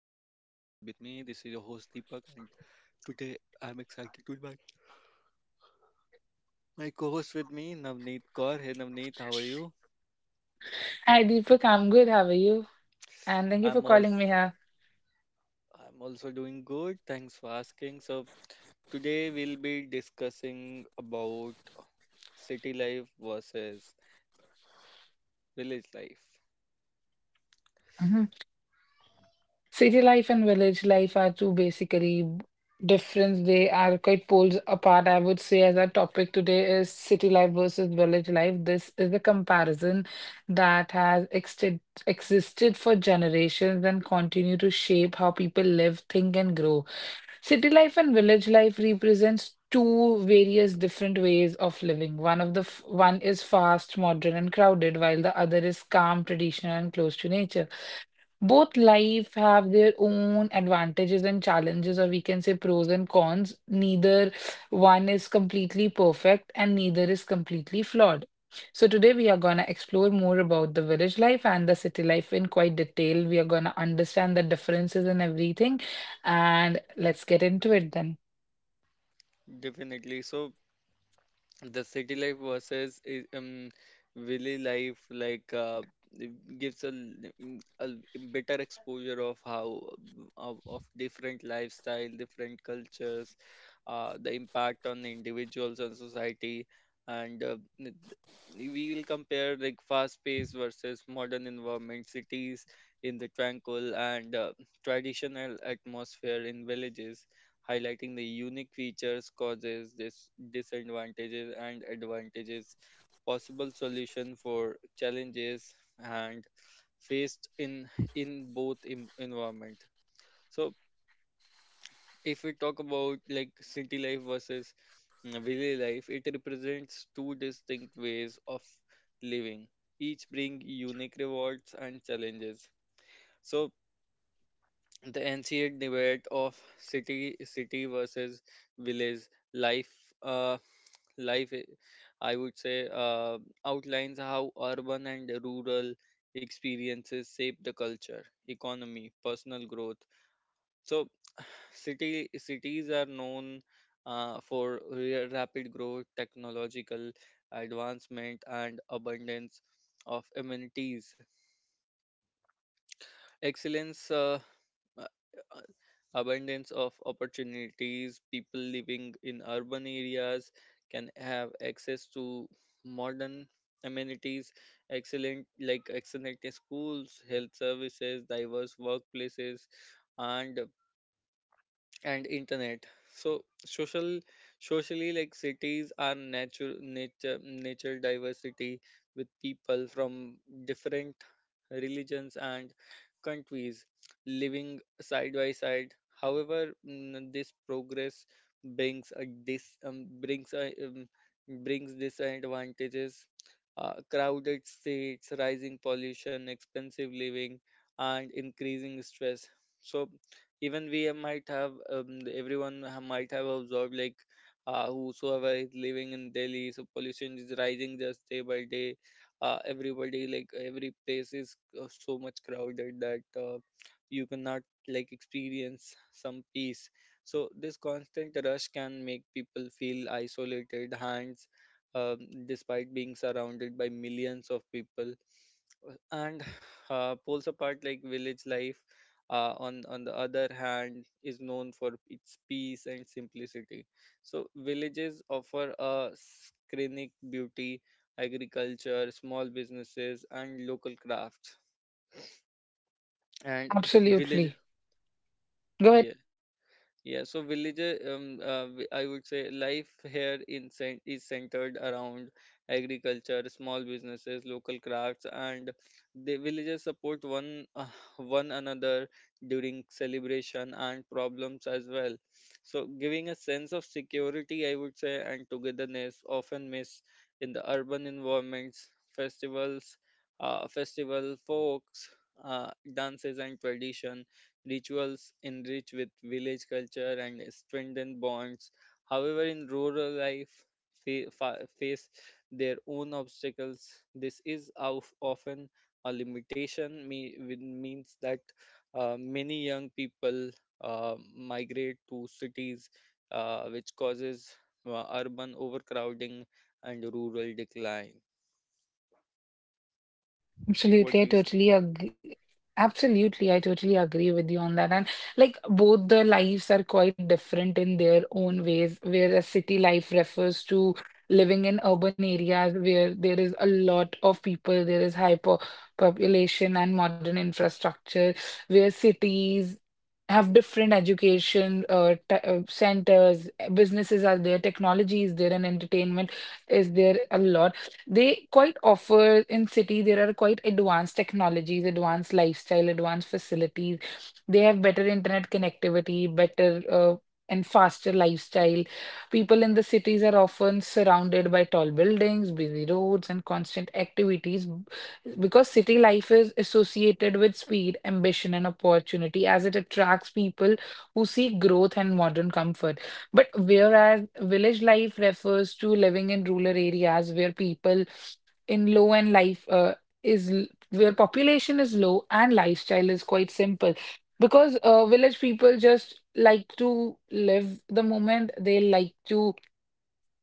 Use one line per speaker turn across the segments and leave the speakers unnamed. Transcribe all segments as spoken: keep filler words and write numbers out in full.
This is your host Deepak, and today I'm excited to invite my co-host with me, Navneet Kaur. Hey Navneet, how are you?
Hi, Deepak. I'm good. How are you? And thank you for
I'm also
calling me here.
I'm also doing good. Thanks for asking. So today we'll be discussing about city life versus village life.
Mhm. City life and village life are two basically different. They are quite poles apart. I would say as our topic today is city life versus village life. This is the comparison that has existed existed for generations and continue to shape how people live, think, and grow. City life and village life represents two various different ways of living. One of the f- One is fast, modern, and crowded, while the other is calm, traditional, and close to nature. Both life have their own advantages and challenges, or we can say pros and cons. Neither one is completely perfect and neither is completely flawed. So today we are gonna explore more about the village life and the city life in quite detail. We are gonna understand the differences and everything, and let's get into it then.
Definitely. So the city life versus i- um village life, like uh, it gives a, l- mm, a l- better exposure of how of, of different lifestyle, different cultures, uh, the impact on the individuals and society, and uh, n- we will compare, like, fast pace versus modern environment cities, in the tranquil and uh, traditional atmosphere in villages, highlighting the unique features, causes, dis- disadvantages, and advantages, possible solution for challenges and faced in in both em- environment. So if we talk about, like, city life versus mm, village life, it represents two distinct ways of living, each bring unique rewards and challenges. So the N C A debate of city city versus village life. Uh, life, i I would say, uh, outlines how urban and rural experiences shape the culture, economy, personal growth. so city cities are known uh, for ra- rapid growth, technological advancement, and abundance of amenities. Excellence, uh, uh, uh, abundance of opportunities. People living in urban areas can have access to modern amenities, excellent, like excellent schools, health services, diverse workplaces, and and internet. So social socially, like, cities are natural nature nature diversity with people from different religions and countries living side by side. However, mm, this progress brings a dis um, brings a um, brings disadvantages, uh, crowded states, rising pollution, expensive living, and increasing stress. So even we might have, um, everyone ha- might have observed, like, uh, whosoever is living in Delhi, so pollution is rising just day by day. Uh, everybody, like, every place is uh, so much crowded that uh, you cannot, like, experience some peace. So this constant rush can make people feel isolated hands, um, despite being surrounded by millions of people. Uh, and uh, pulls apart, like, village life, uh, on on the other hand, is known for its peace and simplicity. So villages offer a scenic beauty, agriculture, small businesses, and local crafts. And village,
Absolutely. Go
yes. Yeah, so village, um, uh, w- I would say life here in cen- is centered around agriculture, small businesses, local crafts, and the villages support one uh, one another during celebration and problems as well. So giving a sense of security, I would say, and togetherness often miss in the urban environments, festivals, uh, festival folks, uh, dances, and tradition rituals enrich with village culture and strengthen bonds. However, in rural life, fa- fa- face their own obstacles. This is of- often a limitation. Me- with- means that uh, many young people uh, migrate to cities, uh, which causes uh, urban overcrowding and rural decline. What do
Absolutely, I
you say?
totally agree. Absolutely, I totally agree with you on that. And like both the lives are quite different in their own ways, Where whereas city life refers to living in urban areas where there is a lot of people, there is hyper population and modern infrastructure, where cities have different education uh, t uh, centers, businesses are there, technology is there, and entertainment is there a lot. They quite offer in city, there are quite advanced technologies, advanced lifestyle, advanced facilities. They have better internet connectivity, better uh, and faster lifestyle. People in the cities are often surrounded by tall buildings, busy roads, and constant activities b- because city life is associated with speed, ambition, and opportunity as it attracts people who seek growth and modern comfort. But whereas village life refers to living in rural areas where people in low and life uh, is l- where population is low and lifestyle is quite simple because uh, village people just like to live the moment they like to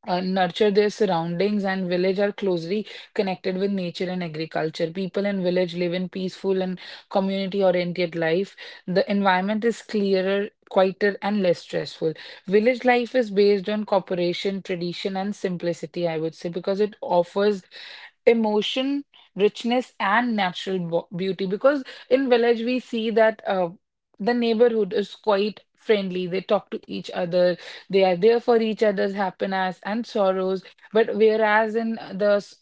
uh, nurture their surroundings and village are closely connected with nature and agriculture. People in village live in peaceful and community-oriented life. The environment is clearer, quieter, and less stressful. Village life is based on cooperation, tradition, and simplicity, I would say, because it offers emotion, richness, and natural bo- beauty. Because in village we see that uh, the neighborhood is quite friendly. They talk to each other they are there for each other's happiness and sorrows. But whereas in the s-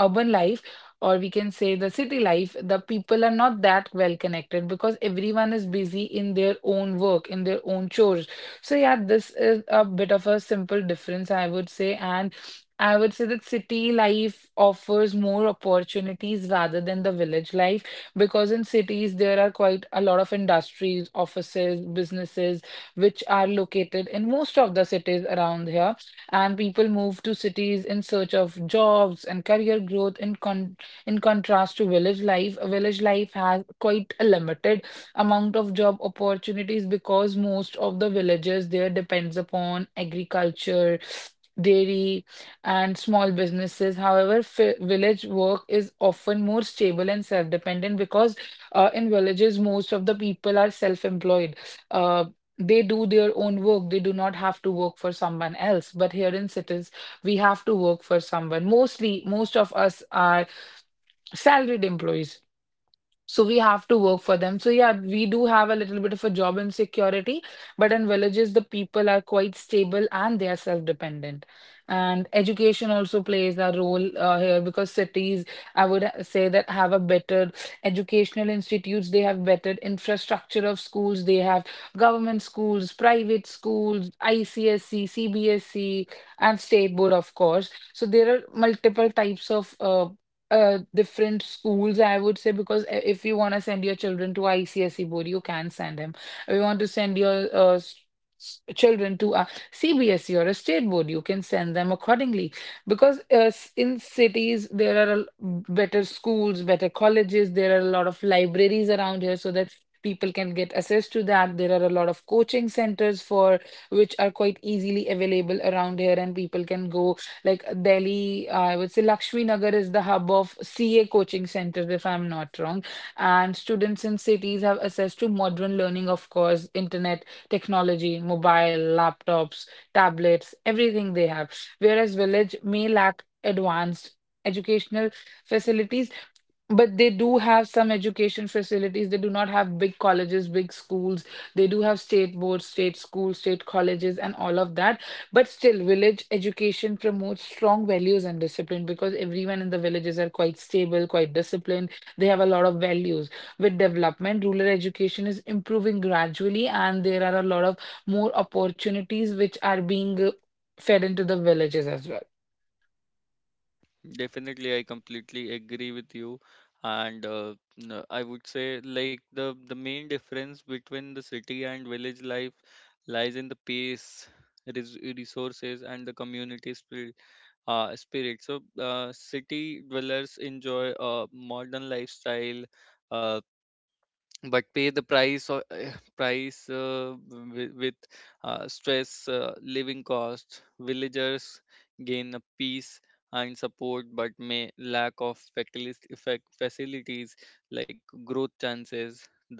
urban life, or we can say the city life, the people are not that well connected because everyone is busy in their own work, in their own chores. So, yeah, this is a bit of a simple difference, I would say. And I would say that city life offers more opportunities rather than the village life because in cities there are quite a lot of industries, offices, businesses which are located in most of the cities around here and people move to cities in search of jobs and career growth in con in contrast to village life. Village life has quite a limited amount of job opportunities because most of the villages there depends upon agriculture, dairy, and small businesses. However, fi village work is often more stable and self-dependent because uh, in villages most of the people are self-employed. Uh, they do their own work they do not have to work for someone else but here in cities we have to work for someone mostly most of us are salaried employees so we have to work for them. So yeah, we do have a little bit of a job insecurity, but in villages, the people are quite stable and they are self-dependent. And education also plays a role uh, here because cities, I would ha- say that have a better educational institutes, they have better infrastructure of schools, they have government schools, private schools, I C S C, C B S C, and state board, of course. So there are multiple types of uh, uh different schools I would say because i- if you want to send your children to I C S E board you can send them if you want to send your uh, s- s- children to a C B S E or a state board you can send them accordingly because uh, s- in cities there are a l- better schools better colleges there are a lot of libraries around here so that people can get access to that there are a lot of coaching centers for which are quite easily available around here and people can go like uh, Delhi, uh, I would say Lakshmi Nagar is the hub of C A coaching centers, if I'm not wrong. And students in cities have access to modern learning, of course, internet, technology, mobile, laptops, tablets, everything they have. Whereas village may lack advanced educational facilities but they do have some education facilities. They do not have big colleges, big schools. They do have state boards, state schools, state colleges, and all of that. But still, village education promotes strong values and discipline because everyone in the villages are quite stable, quite disciplined. They have a lot of values. With development, rural education is improving gradually, and there are a lot of more opportunities which are being uh, fed into the villages as well.
Definitely, I completely agree with you. And uh, n- I would say, like, the, the main difference between the city and village life lies in the pace, res resources, and the community spirit. Uh, spirit. So, uh, city dwellers enjoy a modern lifestyle, uh, but pay the price or uh, price uh, with, with uh, stress, uh, living cost. Villagers gain a peace and support but may lack of facilis- effect facilities like growth chances. The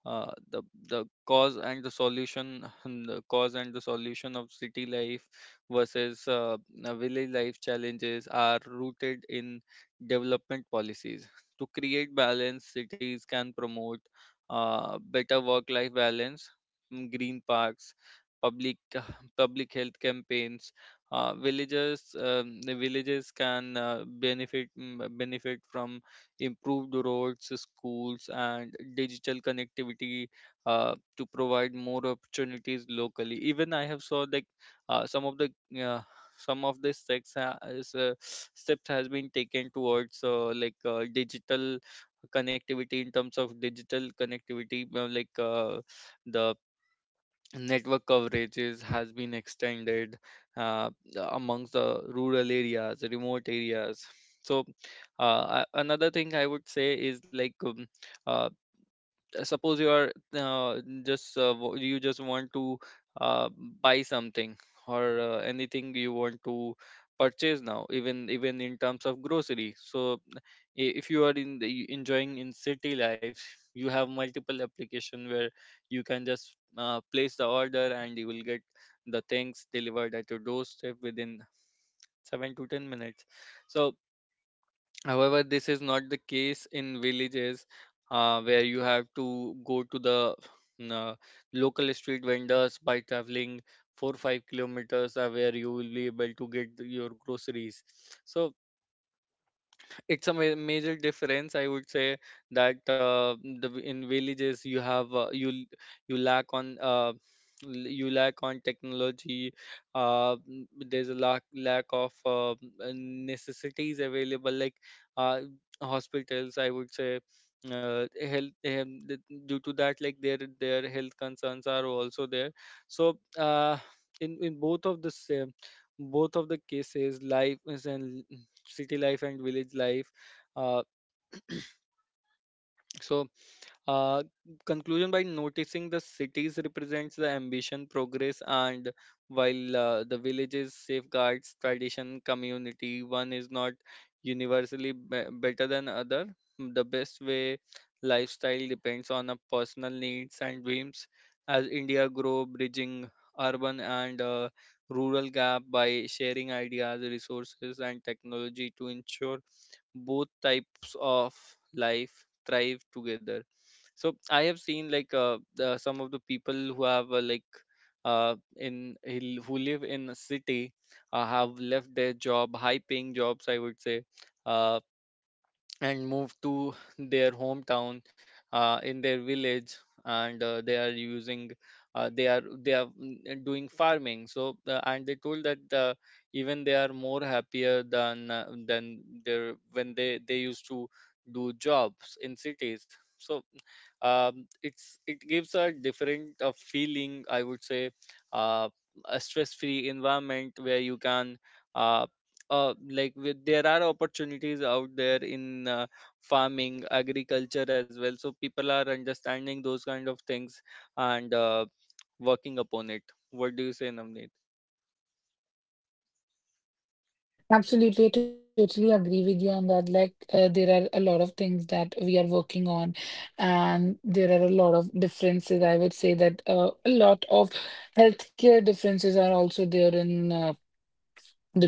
uh, the the cause and the solution the cause and the solution of city life versus uh, uh, village life challenges are rooted in development policies. To create balance, cities can promote uh, better work-life balance, mm, green parks, public public health campaigns. Uh, villagers um, the villages can uh, benefit mm, benefit from improved roads, schools, and digital connectivity uh, to provide more opportunities locally. Even I have saw, like, uh, some of the uh, some of the steps ha- is, uh, steps has been taken towards uh, like, uh, digital connectivity, in terms of digital connectivity. Uh, like, uh, the network coverages has been extended uh, amongst the rural areas, remote areas. So uh, a- another thing I would say is, like, um, uh, suppose you are uh, just uh, wa- you just want to uh, buy something, or uh, anything you want to purchase now, even even in terms of grocery. So i- if you are in the, enjoying in city life, you have multiple application where you can just uh, place the order and you will get the things delivered at your doorstep within seven to ten minutes. So however, this is not the case in villages, uh, where you have to go to the uh, local street vendors by traveling four or five kilometers, uh, where you will be able to get the- your groceries. So it's a ma- major difference, I would say, that, uh, the v- in villages, you have uh, you l- you lack on uh, l- you lack on technology. uh, n- there's a lack lack of uh, uh, necessities available, like, uh, hospitals, I would say, uh, health, um, th- due to that, like, their their health concerns are also there. So uh, in in both of the same, both of the cases, life is and city life and village life. Uh, so, uh, conclusion, by noticing, the cities represents the ambition, progress, and while uh, the villages safeguards tradition, community. One is not universally be- better than other. The best way lifestyle depends on a personal needs and dreams. As India grow, bridging urban and uh, rural gap by sharing ideas, resources, and technology to ensure both types of life thrive together. So I have seen, like, uh, the, some of the people who have uh, like uh, in hill- who live in a city uh, have left their job, high paying jobs, I would say, uh, and move to their hometown uh, in their village, and uh, they are using uh, they are they are mm, doing farming. So uh, and they told that, uh, even they are more happier than uh, than their when they they used to do jobs in cities. So um, it's it gives a different uh, feeling, I would say, uh, a stress free environment where you can uh, uh, like, with, there are opportunities out there in uh, farming, agriculture as well. So people are understanding those kind of things and uh, working upon it. What do you say, namneet
Absolutely, I totally agree with you on that. Like, uh, there are a lot of things that we are working on, and there are a lot of differences. I would say that uh, a lot of healthcare differences are also there in uh,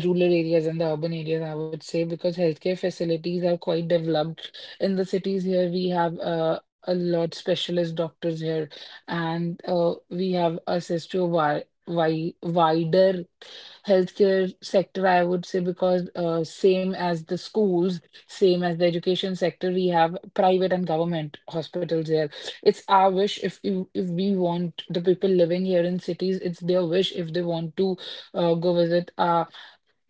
the rural areas and the urban areas, I would say, because healthcare facilities are quite developed. In the cities here, we have uh, a lot specialist doctors here, and uh, we have access to a wi- wi- wider healthcare sector, I would say, because uh, same as the schools, same as the education sector, we have private and government hospitals here. It's our wish if you, if we want the people living here in cities, it's their wish if they want to uh, go visit a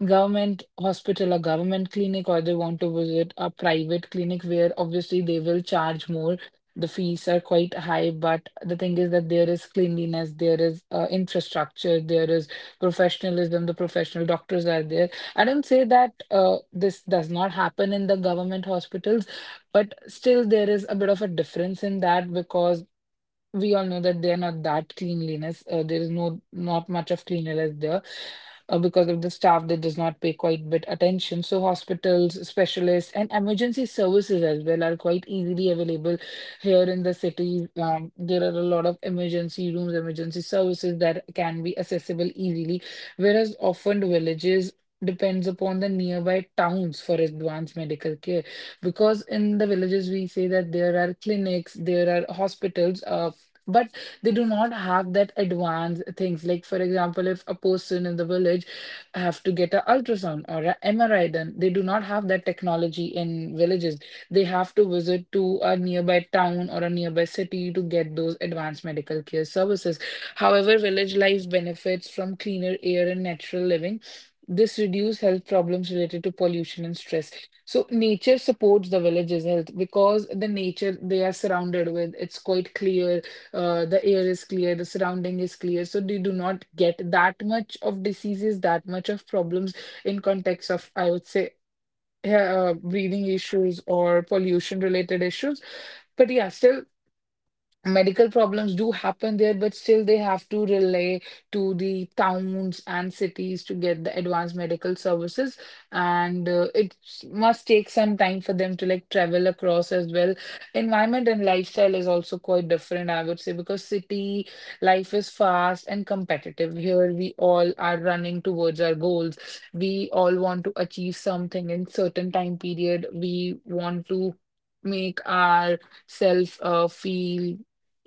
government hospital or government clinic or they want to visit a private clinic where obviously they will charge more the fees are quite high but the thing is that there is cleanliness there is uh, infrastructure there is professionalism the professional doctors are there I don't say that uh, this does not happen in the government hospitals but still there is a bit of a difference in that because we all know that they're not that cleanliness. Uh, there is no not much of cleanliness there uh, because of the staff that does not pay quite bit attention. So hospitals, specialists, and emergency services as well are quite easily available here in the city. Um, there are a lot of emergency rooms, emergency services that can be accessible easily, whereas often villages depends upon the nearby towns for advanced medical care because in the villages we say that there are clinics, there are hospitals. Uh, but they do not have that advanced things like for example if a person in the village have to get a ultrasound or a MRI done they do not have that technology in villages they have to visit to a nearby town or a nearby city to get those advanced medical care services however village life benefits from cleaner air and natural living this reduce health problems related to pollution and stress so nature supports the village's health because the nature they are surrounded with, it's quite clear, uh, the air is clear, the surrounding is clear. So they do not get that much of diseases, that much of problems in context of, I would say, uh, breathing issues or pollution related issues. But yeah, still medical problems do happen there, but still they have to relay to the towns and cities to get the advanced medical services. And uh, it s- must take some time for them to like travel across as well. Environment and lifestyle is also quite different, I would say, because city life is fast and competitive. Here we all are running towards our goals. We all want to achieve something in certain time period. We want to make our self uh, feel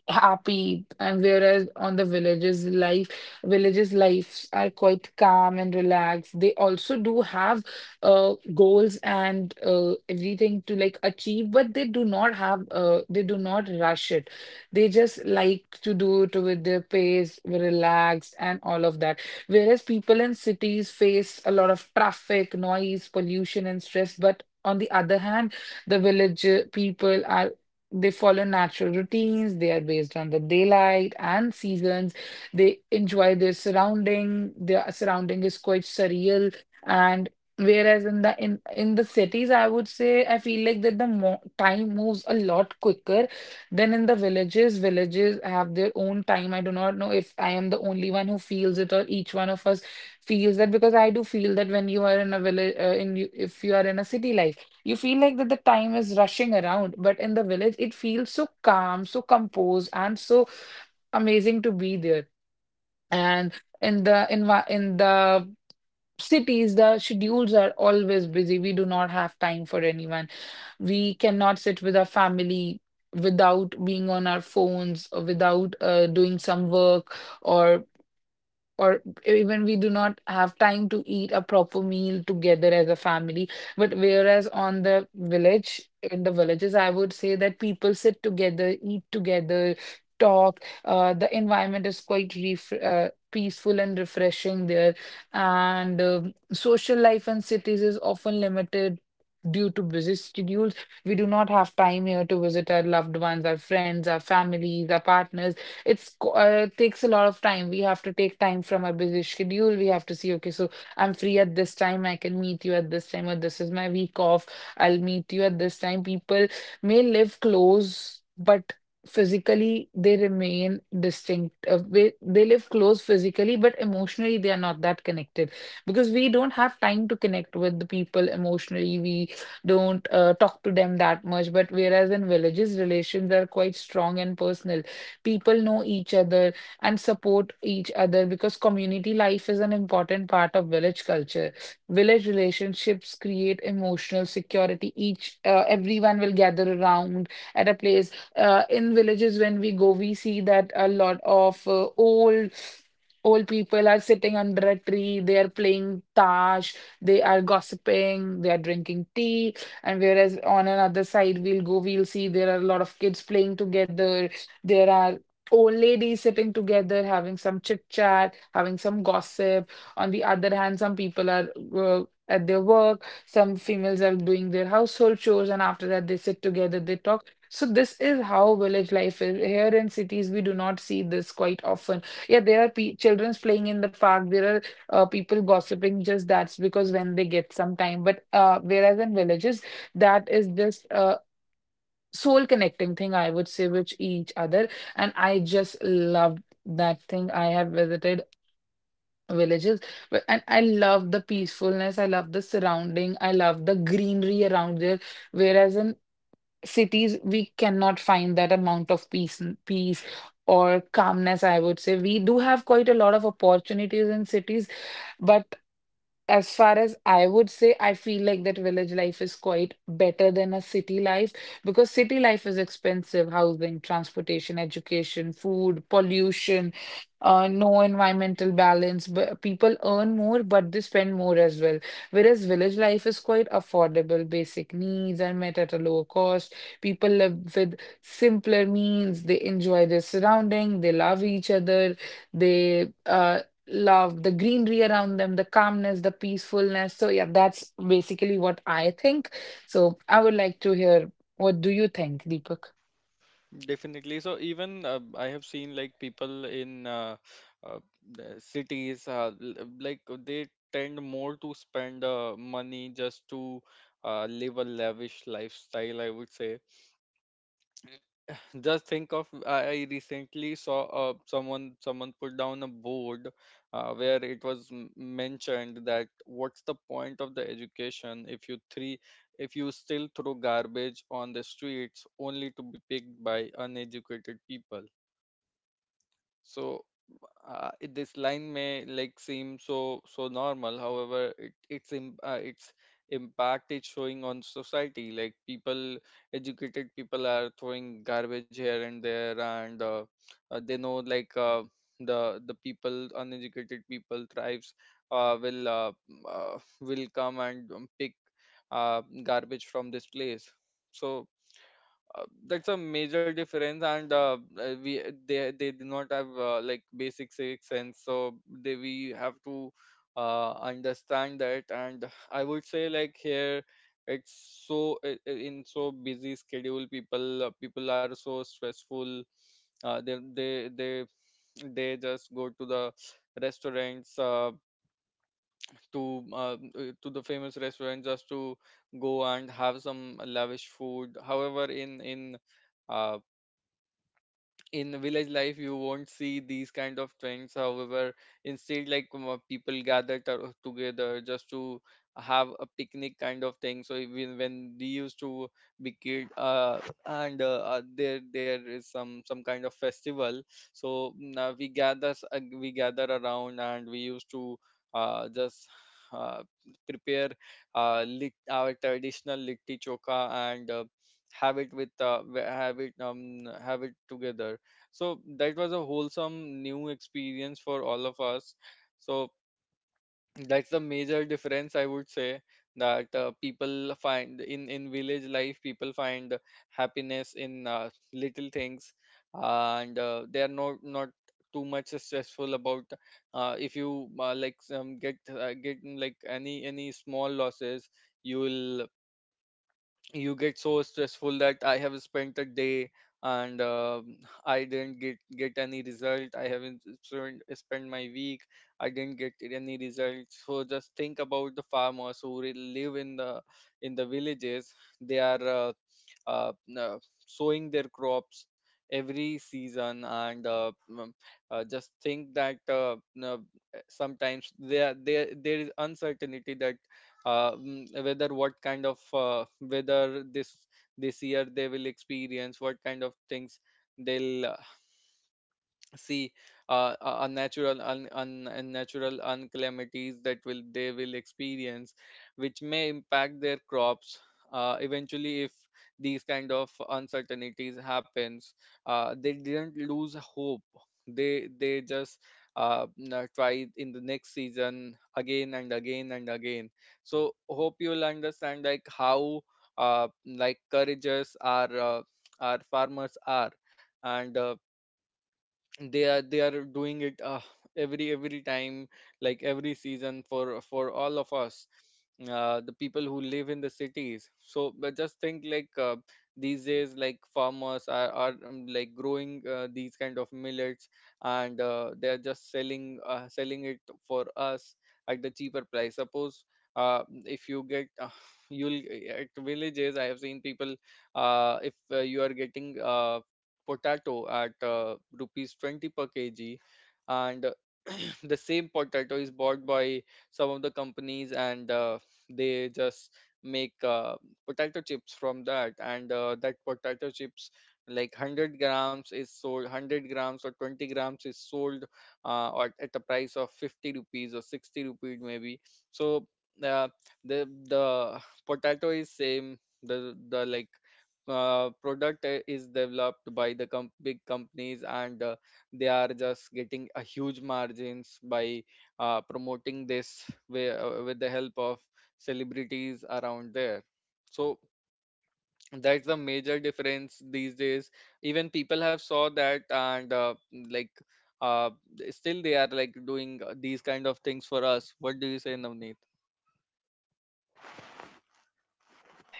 happy and whereas on the villages life villages lives are quite calm and relaxed they also do have uh goals and uh, everything to like achieve but they do not have uh they do not rush it they just like to do it with their pace relaxed and all of that whereas people in cities face a lot of traffic noise pollution and stress but on the other hand the village uh, people are they follow natural routines, they are based on the daylight and seasons. They enjoy their surrounding. Their surrounding is quite surreal. And whereas in the in, in the cities, I would say I feel like that the mo time moves a lot quicker than in the villages. Villages have their own time. I do not know if I am the only one who feels it or each one of us feels that, because I do feel that when you are in a village, uh, in you- if you are in a city life, you feel like that the time is rushing around, but in the village, it feels so calm, so composed, and so amazing to be there. And in the envi- in the cities, the schedules are always busy. We do not have time for anyone. We cannot sit with our family without being on our phones or without uh, doing some work or or even we do not have time to eat a proper meal together as a family. But whereas on the village, in the villages, I would say that people sit together, eat together, talk. Uh, the environment is quite ref uh, peaceful and refreshing there. And um social life in cities is often limited. Due to busy schedules, we do not have time here to visit our loved ones, our friends, our families, our partners. It's co- uh, it takes a lot of time. We have to take time from our busy schedule. We have to see, okay, so I'm free at this time. I can meet you at this time, or this is my week off. I'll meet you at this time. People may live close, but physically they remain distinct. Uh, they, they live close physically, but emotionally they are not that connected, because we don't have time to connect with the people emotionally. We don't uh, talk to them that much. But whereas in villages, relations are quite strong and personal. People know each other and support each other, because community life is an important part of village culture. Village relationships create emotional security. Each uh, Everyone will gather around at a place. Uh, in villages, when we go, we see that a lot of uh, old old people are sitting under a tree. They are playing tash. They are gossiping. They are drinking tea. And whereas on another side, we'll go, we'll see there are a lot of kids playing together. There are old ladies sitting together, having some chit chat, having some gossip. On the other hand, some people are uh, at their work, some females are doing their household chores, and after that, they sit together, they talk. So this is how village life is. Here in cities, we do not see this quite often. Yeah, there are pe children's playing in the park. There are uh, people gossiping. Just that's because when they get some time. But uh, whereas in villages, that is just uh, soul connecting thing, I would say, with each other, and I just loved that thing. I have visited villages, but and I love the peacefulness, I love the surrounding, I love the greenery around there. Whereas in cities, we cannot find that amount of peace peace or calmness, I would say. We do have quite a lot of opportunities in cities, but as far as I would say, I feel like that village life is quite better than a city life, because city life is expensive: housing, transportation, education, food, pollution, uh, no environmental balance. But people earn more, but they spend more as well. Whereas village life is quite affordable, basic needs are met at a lower cost. People live with simpler means, they enjoy their surrounding, they love each other, they uh, love the greenery around them, the calmness, the peacefulness. So yeah, that's basically what I think. So I would like to hear, what do you think, Deepak?
definitely. So even uh, I have seen, like, people in uh, uh, the cities, uh, l- uh, like, uh, they tend more to spend uh, money just to uh, live a lavish lifestyle, I would say. Just think of, I recently saw uh, someone, someone put down a board uh, where it was m- mentioned that, what's the point of the education if you three if you still throw garbage on the streets only to be picked by uneducated people? So uh, it- this line may, like, seem so, so normal. However, it, it's im uh, its impact, it's showing on society. Like, people, educated people are throwing garbage here and there, and uh, uh, they know, like, uh, the the people, uneducated people, tribes, uh, will uh, m- uh, will come and um, pick uh, garbage from this place. So uh, that's a major difference, and uh, uh, we they they do not have uh, like basic civic sense. So they, we have to uh, understand that, and I would say, like, here it's so i- i- in so busy schedule, people uh, people are so stressful. uh, they they they they just go to the restaurants uh, to uh, uh, to the famous restaurant just to go and have some lavish food. However, in in uh, in village life, you won't see these kind of things. However, instead, like, um, uh, people gather to- together just to have a picnic kind of thing. So even when we used to be kid, uh, and uh, uh, there, there is some some kind of festival, so now we gather, s- uh, we gather around and we used to uh, just uh, prepare, uh, lit, our traditional litti choka and uh, have it with uh, w- have it, um have it together. So that was a wholesome new experience for all of us. So that's the major difference, I would say, that, uh, people find in in village life, people find happiness in uh, little things, and uh, they are not not too much stressful about, uh, if you, uh, like um, get uh, get, like, any any small losses, you will, you get so stressful that I have spent a day and um I didn't get get any result. I haven't spent spent my week. I didn't get any results. So just think about the farmers who re- live in the in the villages. They are uh, uh, uh, sowing their crops every season, and uh, mm, uh, just think that uh, uh, sometimes there there there is uncertainty that, uh, mm, whether what kind of uh, whether this, this year they will experience what kind of things they'll see, uh, uh, unnatural, un, un, unnatural uncalamities that will they will experience, which may impact their crops. Uh, eventually, if these kind of uncertainties happens, uh, they didn't lose hope. they they just uh, na- try in the next season, again and again and again. So hope you'll understand, like, how uh, like courageous our uh, our farmers are, and uh, they are, they are doing it uh, every every time, like every season, for for all of us, uh, the people who live in the cities. So but just think, like, uh, these days, like, farmers are, are um, like growing uh, these kind of millets and uh, they are just selling uh, selling it for us at the cheaper price. Suppose uh, if you get, uh, you'll at villages, I have seen people, uh, if uh, you are getting, uh, potato at uh, rupees twenty per kg, and the same potato is bought by some of the companies, and uh, they just make uh, potato chips from that, and uh, that potato chips, like, one hundred grams is sold, one hundred grams or twenty grams is sold, uh, or at a price of fifty rupees or sixty rupees maybe. So uh, the the potato is same the the like uh, product i- is developed by the com- big companies, and uh, they are just getting a huge margins by uh, promoting this way, uh, with the help of celebrities around there. So that's the major difference these days. Even people have saw that, and uh, like, uh, still they are, like, doing uh, these kind of things for us. What do you say, Navneet?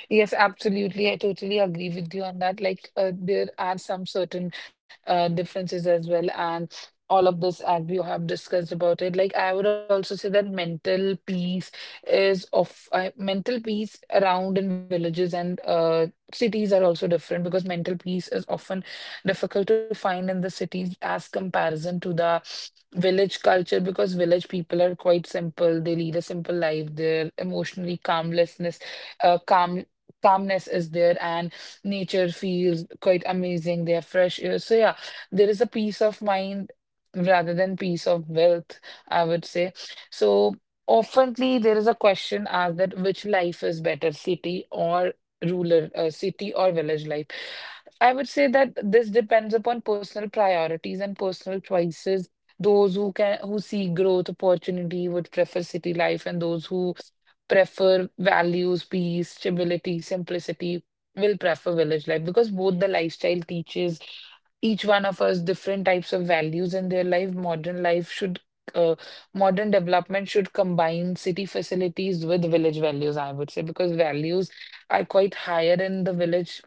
Yes, absolutely. I totally agree with you on that. Like, uh, there are some certain uh, differences as well, and all of this, as we have discussed about it. Like, I would also say that mental peace is of uh, mental peace around in villages and uh, cities are also different, because mental peace is often difficult to find in the cities as comparison to the village culture, because village people are quite simple. They lead a simple life. They're emotionally calmlessness uh, calm calmness is there, and nature feels quite amazing. They have fresh air. So yeah, there is a peace of mind rather than peace of wealth, I would say. So oftenly there is a question asked that which life is better, city or rural, uh, city or village life. I would say that this depends upon personal priorities and personal choices. Those who can who seek growth opportunity would prefer city life, and those who prefer values, peace, stability, simplicity, will prefer village life, because both the lifestyle teaches each one of us different types of values in their life. Modern life should, uh, Modern development should combine city facilities with village values, I would say, because values are quite higher in the village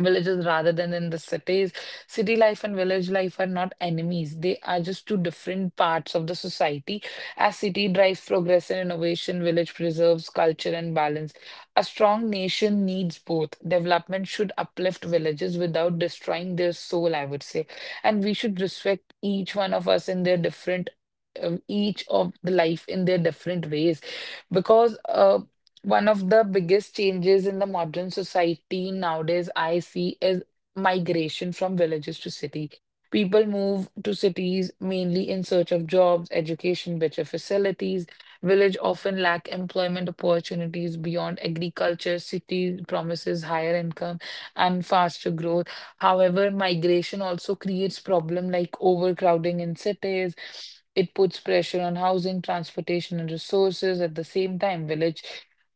villages rather than in the cities. City life and village life are not enemies. They are just two different parts of the society. As city drives progress and innovation, village preserves culture and balance. A strong nation needs both. Development should uplift villages without destroying their soul, I would say. And we should respect each one of us in their different um, each of the life in their different ways, because uh, one of the biggest changes in the modern society nowadays I see is migration from villages to city. People move to cities mainly in search of jobs, education, better facilities. Village often lack employment opportunities beyond agriculture. City promises higher income and faster growth. However, migration also creates problem like overcrowding in cities. It puts pressure on housing, transportation, and resources. At the same time, village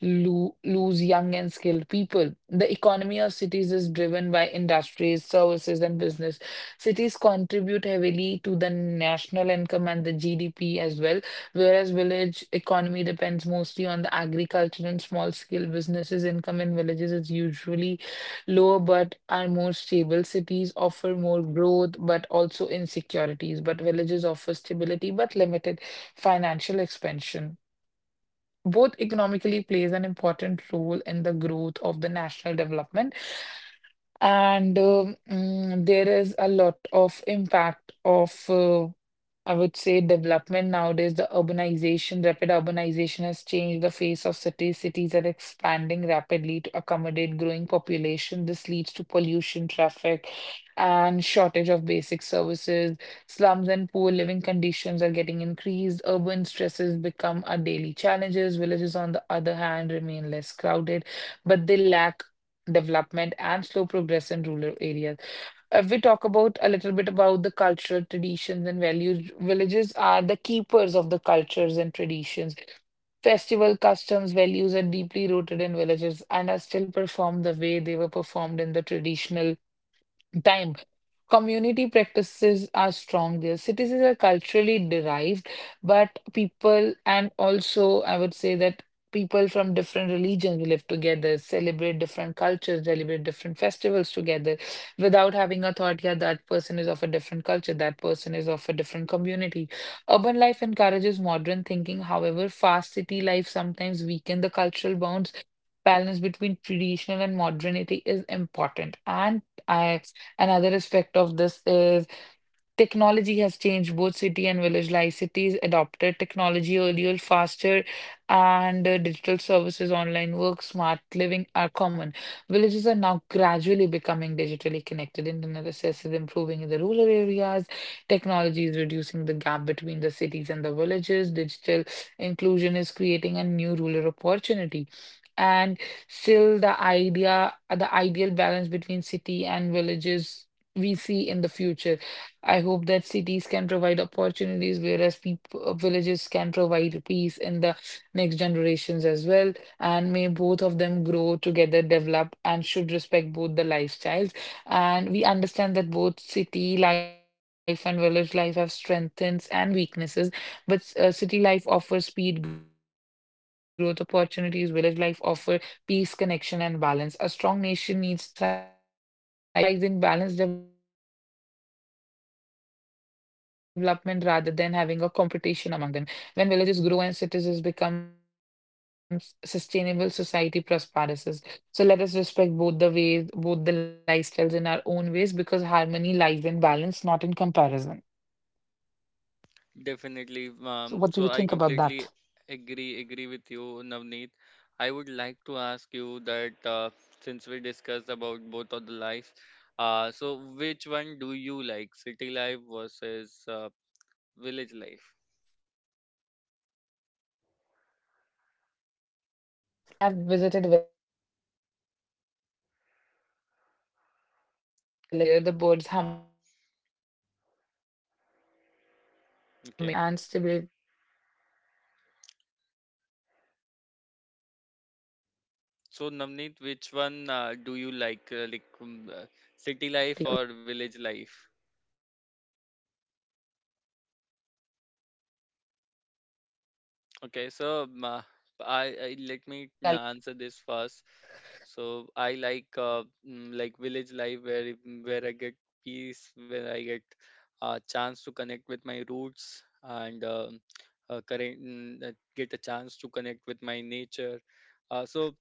lo lose young and skilled people. The economy of cities is driven by industries, services, and business. Cities contribute heavily to the national income and the G D P as well, whereas village economy depends mostly on the agriculture and small scale businesses. Income in villages is usually lower but are more stable. Cities offer more growth but also insecurities, but villages offer stability but limited financial expansion. Both economically plays an important role in the growth of the national development, and um, mm, there is a lot of impact of, uh, I would say, development nowadays. The urbanization, rapid urbanization has changed the face of cities. Cities are expanding rapidly to accommodate growing population. This leads to pollution, traffic, and shortage of basic services. Slums and poor living conditions are getting increased. Urban stresses become a daily challenges. Villages, on the other hand, remain less crowded, but they lack development and slow progress in rural areas. If we talk about a little bit about the cultural traditions and values, villages are the keepers of the cultures and traditions. Festival customs, values are deeply rooted in villages and are still performed the way they were performed in the traditional time. Community practices are strong there. Cities are culturally derived, but people, and also I would say that people from different religions will live together, celebrate different cultures, celebrate different festivals together without having a thought, yeah, that person is of a different culture, that person is of a different community. Urban life encourages modern thinking. However, fast city life sometimes weaken the cultural bonds. Balance between traditional and modernity is important. And I Another aspect of this is technology has changed both city and village life. Cities adopted technology earlier, faster, and uh, digital services, online work, smart living are common. Villages are now gradually becoming digitally connected. Internet access is improving in the rural areas. Technology is reducing the gap between the cities and the villages. Digital inclusion is creating a new rural opportunity. And still, the idea, the ideal balance between city and villages we see in the future. I hope that cities can provide opportunities, whereas people, villages can provide peace in the next generations as well. And may both of them grow together, develop, and should respect both the lifestyles. And we understand that both city life and village life have strengths and weaknesses, but uh, city life offers speed, growth opportunities, village life offer peace, connection, and balance. A strong nation needs thriving cities and employ empowered villages. The future lies in balanced development rather than having a competition among them. When villages grow and cities become s- sustainable, society prospers. So let us respect both the ways, both the lifestyles in our own ways, because harmony lies in balance, not in comparison. So what do you think
Definitely.
about
Um,
that?
so I completely agree agree with you, Navneet. I would like to ask you that, uh, since we discussed about both of the lives, uh, so which one do you like, city life versus uh, village life?
As I previously said as well, that I I have visited villages quite a lot, and I just love the calmness there, the nature there, the birds humming, the children's playing. I just love
Okay.
that calmness and stability. So I do like that environment a lot.
So
But
Navneet,
whereas
which
we have a
one
lot
uh,
of
do you
better
like, uh,
oppor-
like um, uh, city life or village life?
I would say village, if I have an opportunity, I'll go there.
Okay,
Simple as
so
that.
um, uh, I, I
What about
let
you?
me uh, answer this first. So I like uh, mm, like village life where it- where I get peace, where I get a chance to connect with my roots and um uh, current mm, uh, get a chance to connect with my nature. Uh, so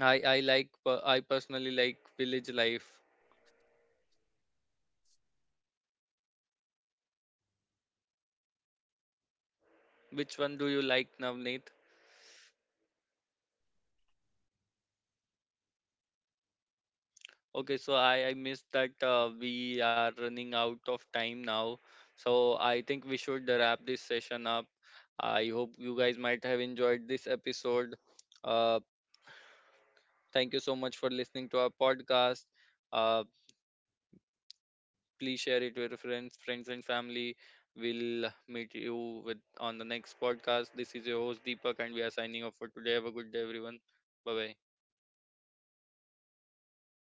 I I like, uh, I personally like village life.
Mhm. So
Which one do
that
you
same
like,
goes for
Navneet?
me. I do also like village life. I do like village
Okay, so I, I missed that, uh, we are running out of time now. So I think we should wrap this session up. I hope you guys might have enjoyed this episode. Uh, thank you so much for listening to our podcast. Uh, please share it with your friends, friends and family. We'll meet you with on the next podcast. This is your host Deepak, and we are signing off for today. Have a good day, everyone. Bye bye.